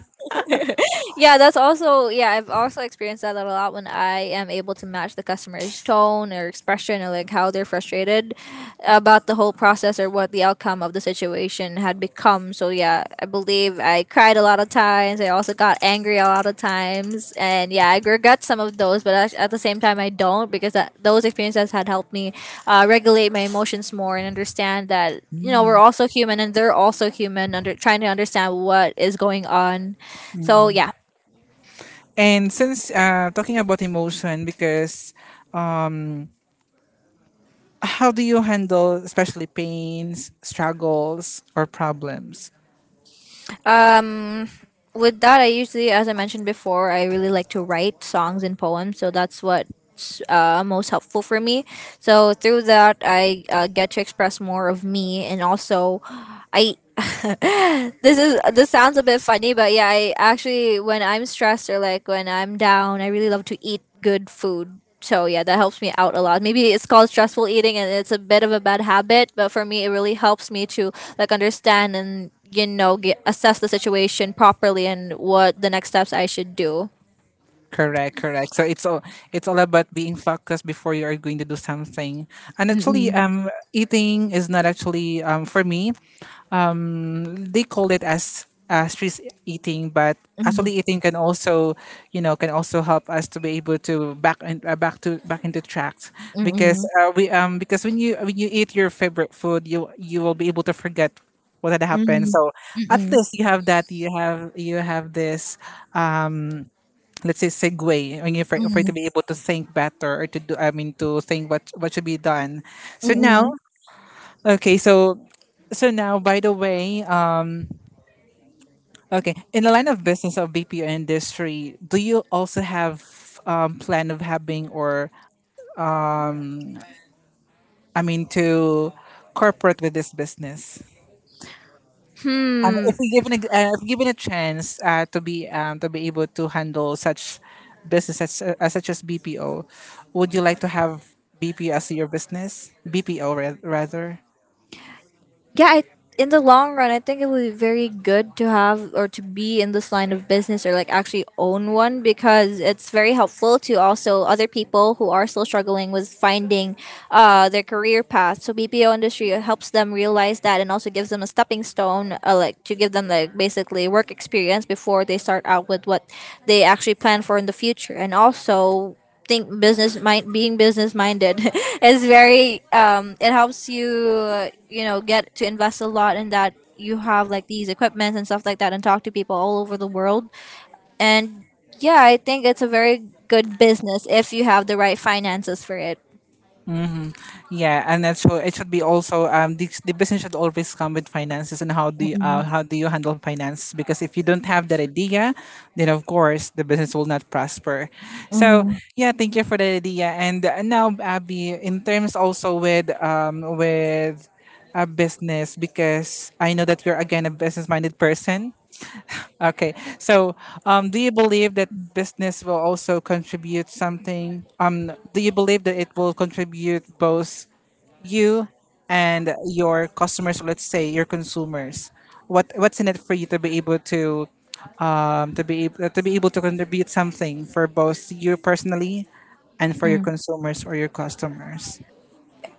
B: yeah, that's also yeah. I've also experienced that a lot when I am able to match the customer's tone or expression or like how they're frustrated about the whole process or what the outcome of the situation had become. So yeah, I believe I cried a lot of times. I also got angry a lot of times, and yeah, I regret some of those, but at the same time, I don't because that those experiences had helped me regulate my emotions more and understand that. You know, we're
A: Mm,
B: also human and they're also human under trying to understand what is going on. So
A: mm.
B: yeah.
A: And since talking about emotion, because how do you handle especially pains, struggles, or problems?
B: Um, with that, I usually, as I mentioned before, I really like to write songs and poems. So that's what's most helpful for me. So through that, I get to express more of me, and also, I. This sounds a bit funny, but yeah, I actually when I'm stressed or like when I'm down, I really love to eat good food. So yeah, that helps me out a lot. Maybe it's called stressful eating and it's a bit of a bad habit, but for me it really helps me to like understand and assess the situation properly and what the next steps I should do.
A: Correct, correct. So it's all about being focused before you are going to do something. And actually,
B: Mm-mm,
A: eating is not actually for me. Um, they call it as stress eating, but actually
B: mm-mm,
A: eating can also, you know, can also help us to be able to back and back to back into tracks because
B: mm-mm,
A: we because when you eat your favorite food, you will be able to forget what had happened.
B: mm-mm,
A: So at
B: mm-mm,
A: least you have that. You have this. Let's say segue when you're for you to be able to think better or to do. I mean to think what should be done. So now,
B: mm-mm.
A: okay, so so now by the way okay. In the line of business of BPO industry, do you also have plan of having or I mean to corporate with this business? If
B: Hmm.
A: we given a, if given a chance to be able to handle such business as, such as BPO, would you like to have BPO as your business? BPO rather.
B: yeah I, in the long run, I think it would be very good to have or to be in this line of business or like actually own one, because it's very helpful to also other people who are still struggling with finding their career path. So BPO industry helps them realize that and also gives them a stepping stone, like to give them like basically work experience before they start out with what they actually plan for in the future. And also, think business mind being business minded is very it helps you, you know, get to invest a lot in that. You have like these equipments and stuff like that and talk to people all over the world. And yeah, I think it's a very good business if you have the right finances for it.
A: Mm-hmm. Yeah, and that's so it should be also the business should always come with finances and how do you handle finances because if you don't have that idea, then of course the business will not prosper. So
B: Mm-hmm.
A: yeah, thank you for that idea. And now Abby, in terms also with a business because I know that you're again a business minded person. Okay. So, do you believe that business will also contribute something? Do you believe that it will contribute both you and your customers, let's say your consumers? What what's in it for you to be able to be able, to be able to contribute something for both you personally and for your consumers or your customers?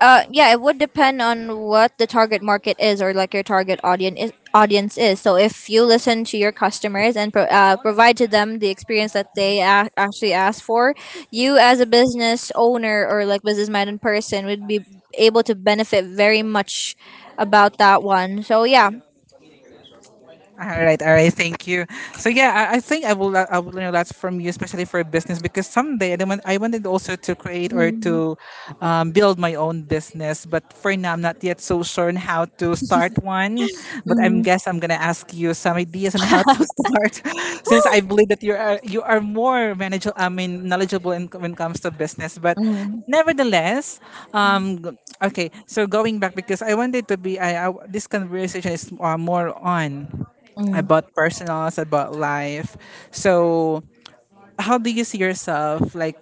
B: Yeah, it would depend on what the target market is or like your target audience is, So if you listen to your customers and provide to them the experience that they actually ask for, you as a business owner or like business minded person would be able to benefit very much about that one. So yeah.
A: All right, all right. Thank you. So yeah, I think I will I will learn a lot from you, especially for business, because someday I wanted also to create or
B: Mm,
A: to build my own business. But for now, I'm not yet so sure on how to start one. But
B: mm,
A: I'm gonna ask you some ideas on how to start, since I believe that you are more manageable. I mean, knowledgeable in, when it comes to business. But
B: mm,
A: nevertheless, um, g- okay. So going back because I wanted to be I this conversation is more on. I
B: mm.
A: bought personals, I bought life. So, how do you see yourself like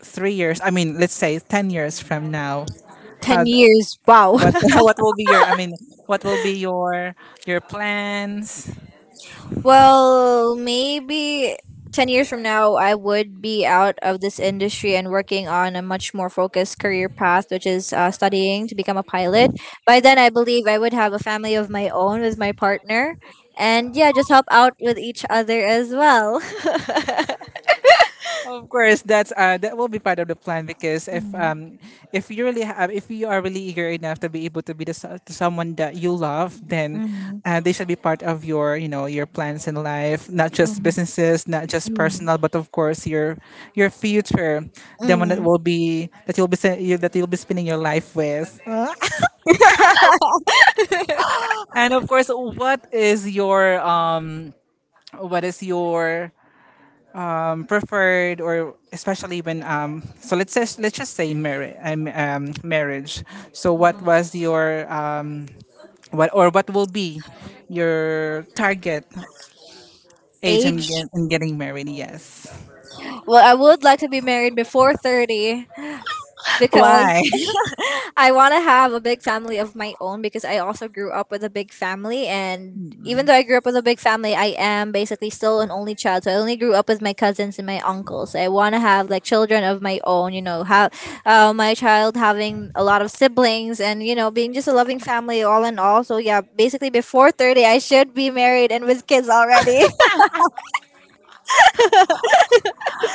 A: three years? I mean, let's say 10 years from now. How
B: 10 years. Wow.
A: what what will be your? I mean, what will be your plans?
B: Well, maybe 10 years from now, I would be out of this industry and working on a much more focused career path, which is studying to become a pilot. By then, I believe I would have a family of my own with my partner. And yeah, just help out with each other as well.
A: Of course, that's that will be part of the plan because
B: Mm,
A: if you really have if you are really eager enough to be able to be to someone that you love, then
B: mm,
A: they should be part of your you know your plans in life, not just
B: mm,
A: businesses, not just
B: mm,
A: personal, but of course your future, the one that
B: mm.
A: will be that you'll be that you'll be spending your life with, and of course, what is your preferred or especially when so let's just say marriage marriage so what was your what or what will be your target age in,
B: Age?
A: in getting married yes.
B: Well, I would like to be married before 30, because
A: Why?
B: I want to have a big family of my own, because I also grew up with a big family. And even though I grew up with a big family, I am basically still an only child. So I only grew up with my cousins and my uncles. I want to have like children of my own, you know, have my child having a lot of siblings and, you know, being just a loving family all in all. So yeah, basically before 30, I should be married and with kids already.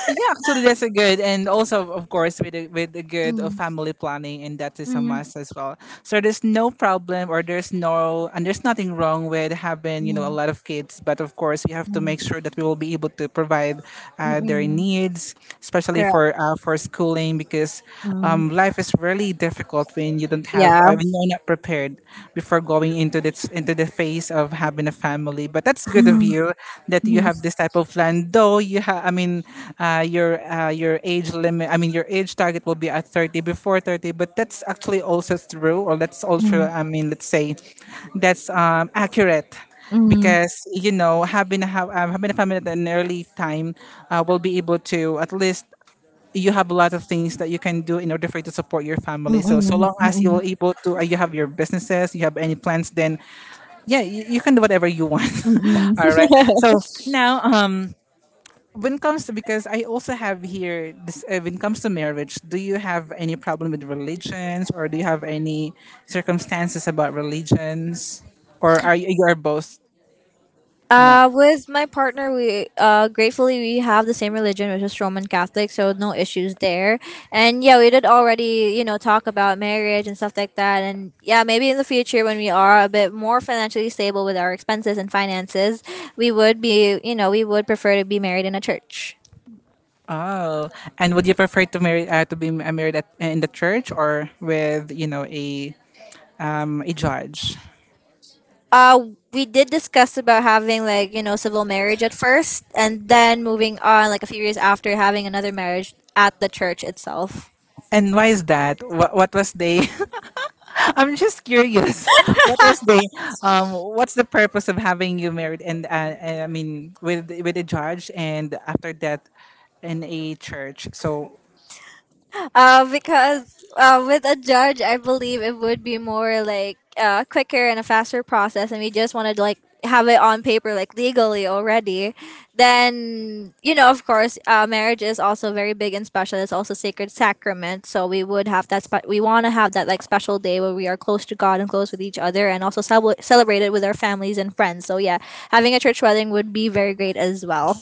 A: Yeah, actually, that's a good, and also, of course, with a good of
B: Mm,
A: family planning, and that is a
B: mm,
A: must as well. So there's no problem, or there's no, and there's nothing wrong with having you know a
B: mm,
A: lot of kids, but of course, we have to
B: mm,
A: make sure that we will be able to provide
B: mm,
A: their
B: mm.
A: needs, especially
B: Correct.
A: for schooling, because
B: Mm.
A: life is really difficult when you don't have,
B: Yeah.
A: when you're not prepared before going into this into the phase of having a family. But that's good of
B: Mm,
A: you that you
B: mm,
A: have this type of plan. Though you have, I mean, your age limit. I mean, your age target will be at 30 before 30. But that's actually also true, or that's also
B: mm,
A: I mean, let's say that's accurate
B: mm.
A: because you know having a, having a family at an early time will be able to at least you have a lot of things that you can do in order for you to support your family. So
B: Mm-mm,
A: so long as
B: mm-mm,
A: you're able to, you have your businesses, you have any plans, then yeah, you can do whatever you want.
B: mm-mm.
A: All right. So now, when it comes to because I also have here this when it comes to marriage, do you have any problem with religions or do you have any circumstances about religions or are you, you are both you know?
B: With my partner, we gratefully we have the same religion, which is Roman Catholic, so no issues there. And yeah, we did already, you know, talk about marriage and stuff like that. And yeah, maybe in the future when we are a bit more financially stable with our expenses and finances, we would prefer to be married in a church.
A: Oh, and would you prefer to marry to be married at, in the church or with you know a judge.
B: Uh, we did discuss about having like, you know, civil marriage at first, and then moving on like a few years after having another marriage at the church itself.
A: And why is that? What was they? I'm just curious. What was they? What's the purpose of having you married and I mean with a judge and after that in a church? So
B: Because with a judge, I believe it would be more like quicker and a faster process, and we just wanted to like have it on paper, like legally already. Then you know, of course, marriage is also very big and special. It's also sacred sacrament, so we would have that. We want to have that like special day where we are close to God and close with each other, and also celebrate it with our families and friends. So yeah, having a church wedding would be very great as well.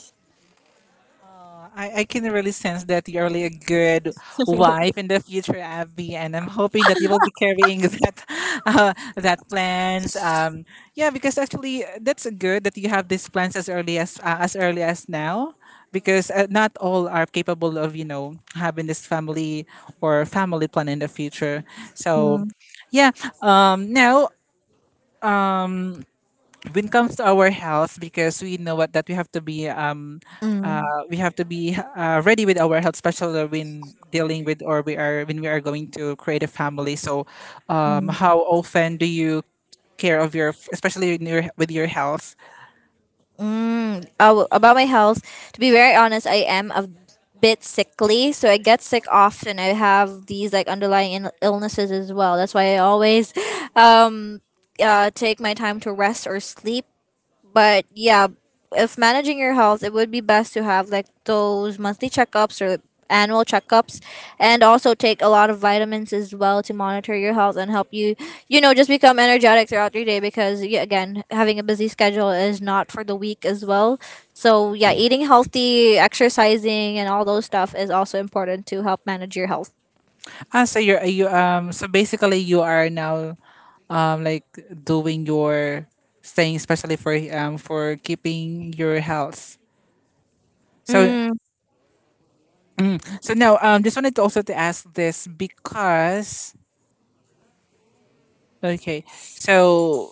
A: I can really sense that you're really a good wife in the future, Abby, and I'm hoping that you will be carrying that that plans. Yeah, because actually that's good that you have these plans as early as now, because not all are capable of you know having this family or family plan in the future. So
B: Mm.
A: yeah, now when it comes to our health because we know what that
B: Mm.
A: we have to be ready with our health especially when dealing with or we are when we are going to create a family so how often do you care of your especially in your, with your health.
B: Mm, oh, about my health, to be very honest, I am a bit sickly, so I get sick often. I have these like underlying illnesses as well. That's why I always um, take my time to rest or sleep. But yeah, if managing your health, it would be best to have like those monthly checkups or annual checkups, and also take a lot of vitamins as well to monitor your health and help you, you know, just become energetic throughout your day. Because yeah, again, having a busy schedule is not for the weak as well. So yeah, eating healthy, exercising and all those stuff is also important to help manage your health.
A: Ah, so you're you so basically you are now like doing your thing especially for keeping your health so
B: Mm,
A: so now just wanted to also to ask this because okay. So,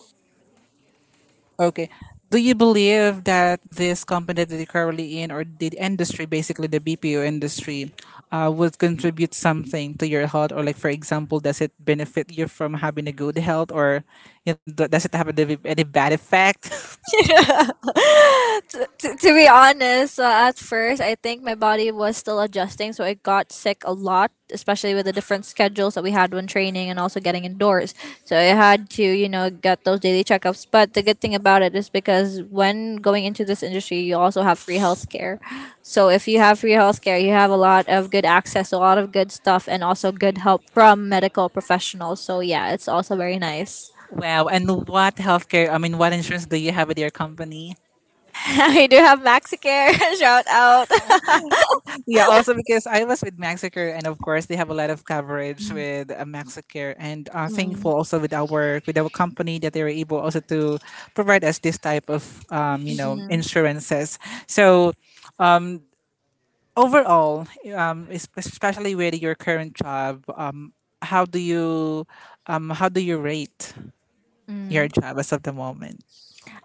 A: okay. Do you believe that this company that you're currently in, or the industry, basically the BPO industry, would contribute something to your health? Or, like, for example, does it benefit you from having a good health, or you know, does it have any bad effect?
B: to be honest, at first, I think my body was still adjusting, so I got sick a lot, especially with the different schedules that we had when training and also getting indoors. So I had to, you know, get those daily checkups. But the good thing about it is because when going into this industry, you also have free healthcare. So if you have free healthcare, you have a lot of good access, a lot of good stuff, and also good help from medical professionals. So yeah, it's also very nice.
A: Wow. And what healthcare, I mean, what insurance do you have at your company?
B: We do have MaxiCare. Shout out.
A: Yeah, also because I was with Maxicare, and of course they have a lot of coverage with Maxicare, and thankful
B: Mm-mm.
A: also with our company that they were able also to provide us this type of you know
B: Mhm.
A: insurances. So overall, especially with your current job, how do you how do you rate your
B: Mm.
A: job as of the moment?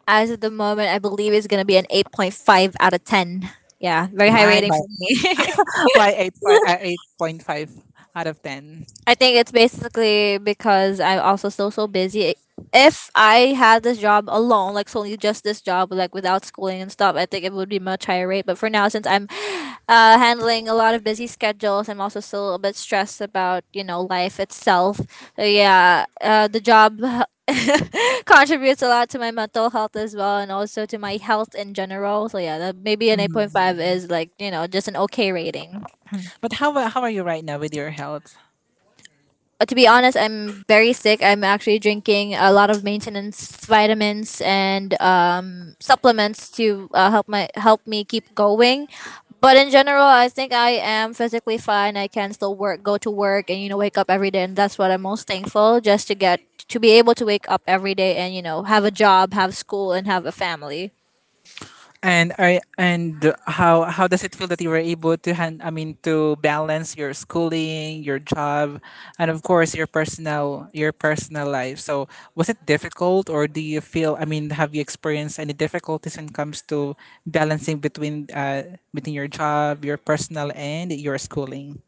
B: As of the moment, I believe it's gonna be an 8.5 out of 10. Yeah, very high
A: Why
B: rating
A: why
B: for me.
A: why 8 5 8.5 out of 10.
B: I think it's basically because I'm also so busy. If I had this job alone, like solely just this job, like without schooling and stuff, I think it would be much higher rate. But for now, since I'm handling a lot of busy schedules, I'm also still a bit stressed about, you know, life itself. So yeah, the job contributes a lot to my mental health as well, and also to my health in general. So yeah, that maybe an 8.5
A: Hmm.
B: is like, you know, just an okay rating.
A: But how are you right now with your health?
B: Uh, to be honest, I'm very sick. I'm actually drinking a lot of maintenance vitamins and supplements to help me keep going. But in general, I think I am physically fine. I can still work, go to work, and you know, wake up every day. And that's what I'm most thankful, just to get to be able to wake up every day and, you know, have a job, have school, and have a family.
A: And are and how does it feel that you were able to hand I mean to balance your schooling, your job, and of course your personal life. So was it difficult or do you feel I mean have you experienced any difficulties when it comes to balancing between between your job, your personal and your schooling?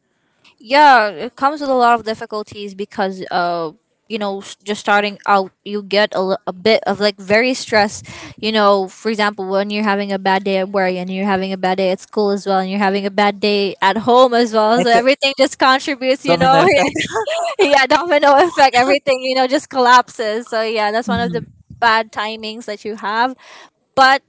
B: Yeah, it comes with a lot of difficulties because you know, just starting out you get a bit of like very stress. You know, for example, when you're having a bad day at work and you're having a bad day at school as well and you're having a bad day at home as well, so
A: It's a
B: everything just contributes, you
A: domino
B: know.
A: effect.
B: Yeah, domino effect, everything, you know, just collapses. So yeah, that's one of the
A: Mhm.
B: bad timings that you have. But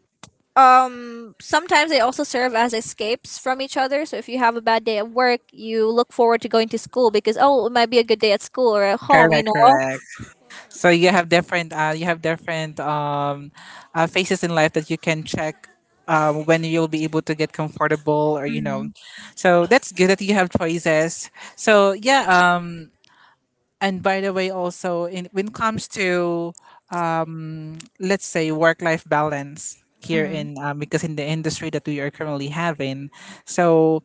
B: sometimes they also serve as escapes from each other. So if you have a bad day at work, you look forward to going to school because, oh, it might be a good day at school or at home, you
A: Correct,
B: know.
A: correct. So you have different phases in life that you can check when you'll be able to get comfortable or you know. So that's good that you have choices. So yeah. And by the way, also in when it comes to let's say work life balance here
B: Mm.
A: in because in the industry that we are currently having, so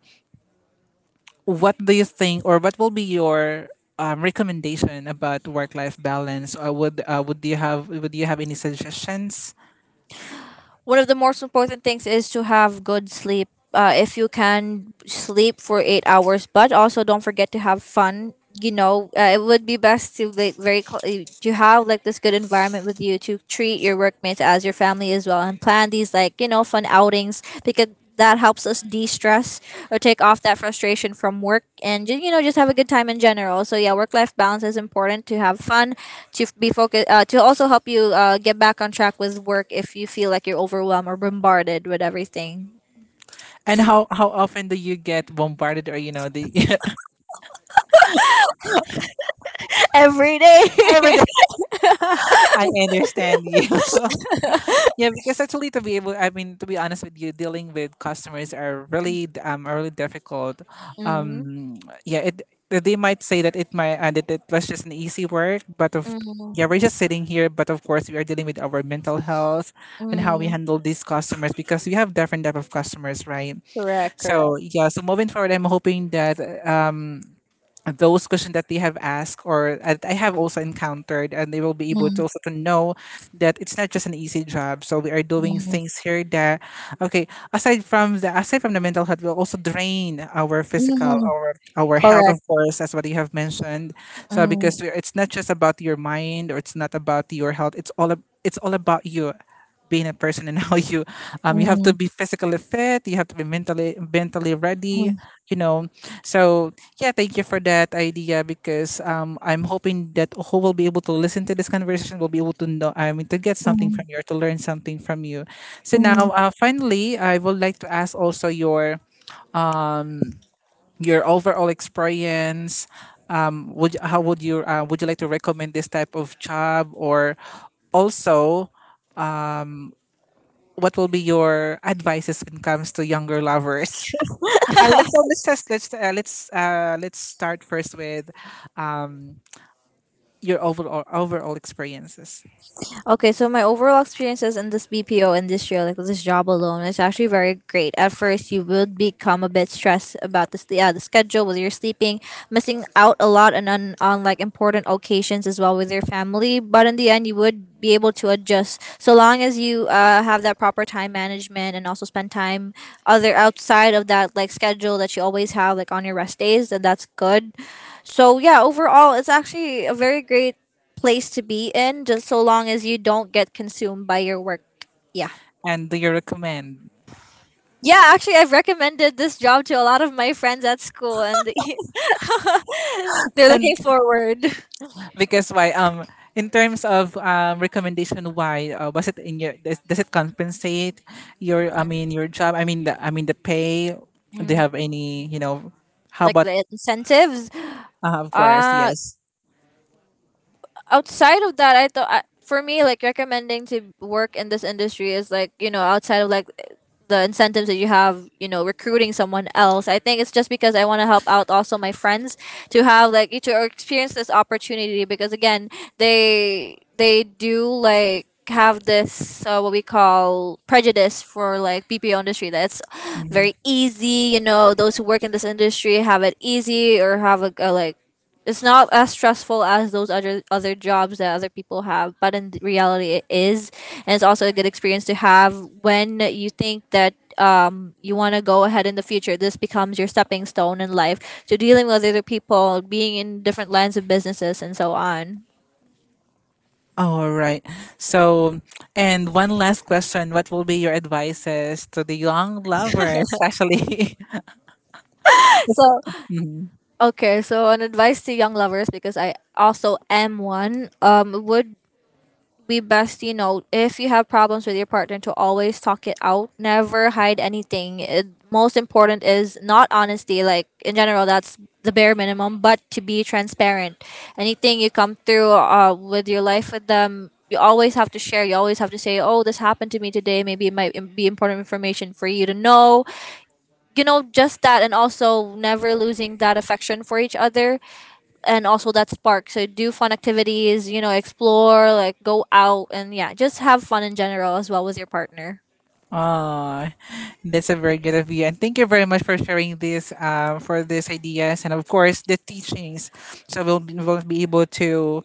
A: what do you think, or what will be your recommendation about work-life balance? Or would would you have any suggestions?
B: One of the most important things is to have good sleep. If you can sleep for 8 hours, but also don't forget to have fun. You know, it would be best to like very to have like this good environment with you, to treat your workmates as your family as well, and plan these like, you know, fun outings because that helps us de-stress or take off that frustration from work and you know, just have a good time in general. So yeah, work life balance is important. To have fun, to be focused, to also help you get back on track with work if you feel like you're overwhelmed or bombarded with everything.
A: And how often do you get bombarded, or you know the
B: Every day.
A: every day? I understand you. Yeah, because actually, to be able, I mean, to be honest with you, dealing with customers are really are really difficult.
B: Mm,
A: Um, yeah, it they might say that it might and that it was just an easy work, but of yeah,
B: mm,
A: we're just sitting here, but of course, we are dealing with our mental health and how we
B: mm.
A: handle these customers because we have different type of customers, right?
B: Correct,
A: So
B: correct.
A: yeah, so moving forward, I'm hoping that those questions that they have asked or that I have also encountered, and they will be able
B: Mm,
A: to also to know that it's not just an easy job. So we are doing
B: mm,
A: things here that, okay, aside from the mental health, will also drain our physical,
B: mm.
A: our health, of
B: Correct.
A: course, as what you have mentioned. So
B: Mm,
A: because we, it's not just about your mind or it's not about your health, it's all about you being a person and how you you have to
B: mm,
A: be physically fit, you have to be mentally ready,
B: mm,
A: you know? So yeah, thank you for that idea because I'm hoping that who will be able to listen to this conversation will be able to know, I mean to get something from
B: mm,
A: you or to learn something from you. So now
B: mm.
A: finally I would like to ask also your overall experience. Would how would you like to recommend this type of job or also what will be your advices when it comes to younger lovers? Let's so let's just, let's start first with um, your overall overall experiences.
B: Okay, so my overall experiences in this BPO industry, like this job alone, is actually very great. At first, you would become a bit stressed about this, yeah, the schedule, with your sleeping, missing out a lot, and on like important occasions as well with your family. But in the end, you would be able to adjust so long as you have that proper time management and also spend time other outside of that like schedule that you always have like on your rest days. And that's good. So yeah, overall, it's actually a very great place to be in, just so long as you don't get consumed by your work. Yeah.
A: And do you recommend?
B: Yeah, actually, I've recommended this job to a lot of my friends at school, and they're
A: And
B: looking forward.
A: because why in terms of recommendation why was it in your, does it compensate your I mean your job I mean the pay do you
B: Mm,
A: have any you know how
B: like
A: about
B: the incentives.
A: of course
B: Uh,
A: yes.
B: Outside of that, for me, like recommending to work in this industry is like you know outside of like the incentives that you have, you know, recruiting someone else. I think it's just because I want to help out also my friends to have like to experience this opportunity because again, they do like have this what we call prejudice for like BPO industry that it's
A: Mm-hmm.
B: very easy, you know, those who work in this industry have it easy or have a like it's not as stressful as those other jobs that other people have, but in reality it is, and it's also a good experience to have when you think that you want to go ahead in the future. This becomes your stepping stone in life to dealing with other people, being in different lines of businesses, and so on.
A: All right. So, and one last question. What will be your advices to the young lovers, especially?
B: So,
A: Mhm.
B: okay, so an advice to young lovers, because I also am one, would we best, you know, if you have problems with your partner, to always talk it out. Never hide anything. It, most important is not honesty. Like in general, that's the bare minimum. But to be transparent, anything you come through with your life with them, you always have to share. You always have to say, "Oh, this happened to me today. Maybe it might be important information for you to know." You know, just that, and also never losing that affection for each other and also that spark. So do fun activities, you know, explore, like go out and yeah, just have fun in general as well with your partner.
A: Oh, that's a very good of you. And thank you very much for sharing this, for these ideas and, of course, the teachings. So, we'll be able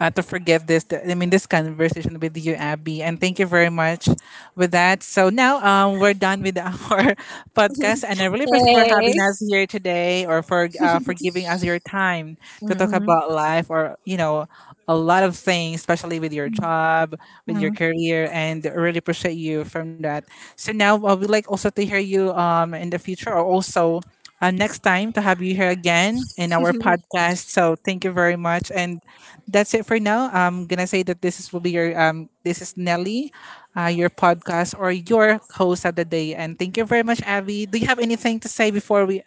A: to forgive this. I mean, this conversation with you, Abby, and thank you very much with that. So now we're done with our podcast, and I really appreciate for having us here today, or for giving us your time to talk about life, or you know, a lot of things, especially with your job, with your career, and I really appreciate you from that. So now I would like also to hear you in the future, or also next time to have you here again in our podcast. So thank you very much, and that's it for now. I'm gonna say that this is Nelly, your podcast or your host of the day. And thank you very much, Abby. Do you have anything to say before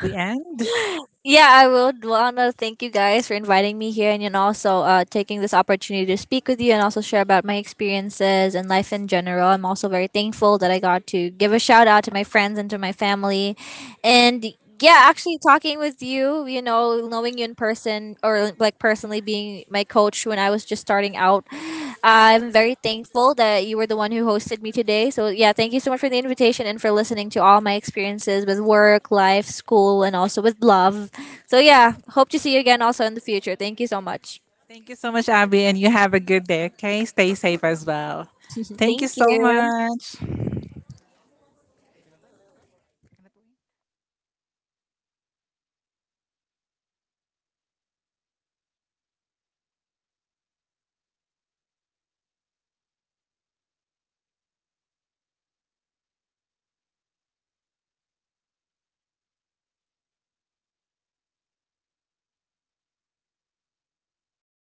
A: we end?
B: Yeah, I would wanna thank you guys for inviting me here and also taking this opportunity to speak with you and also share about my experiences and life in general. I'm also very thankful that I got to give a shout out to my friends and to my family. And yeah, actually talking with you, you know, knowing you in person or like personally, being my coach when I was just starting out, I'm very thankful that you were the one who hosted me today. So, yeah, thank you so much for the invitation and for listening to all my experiences with work, life, school, and also with love. So yeah, hope to see you again also in the future. Thank you so much.
A: Thank you so much, Abby, and you have a good day. Okay, stay safe as well. Thank you so much.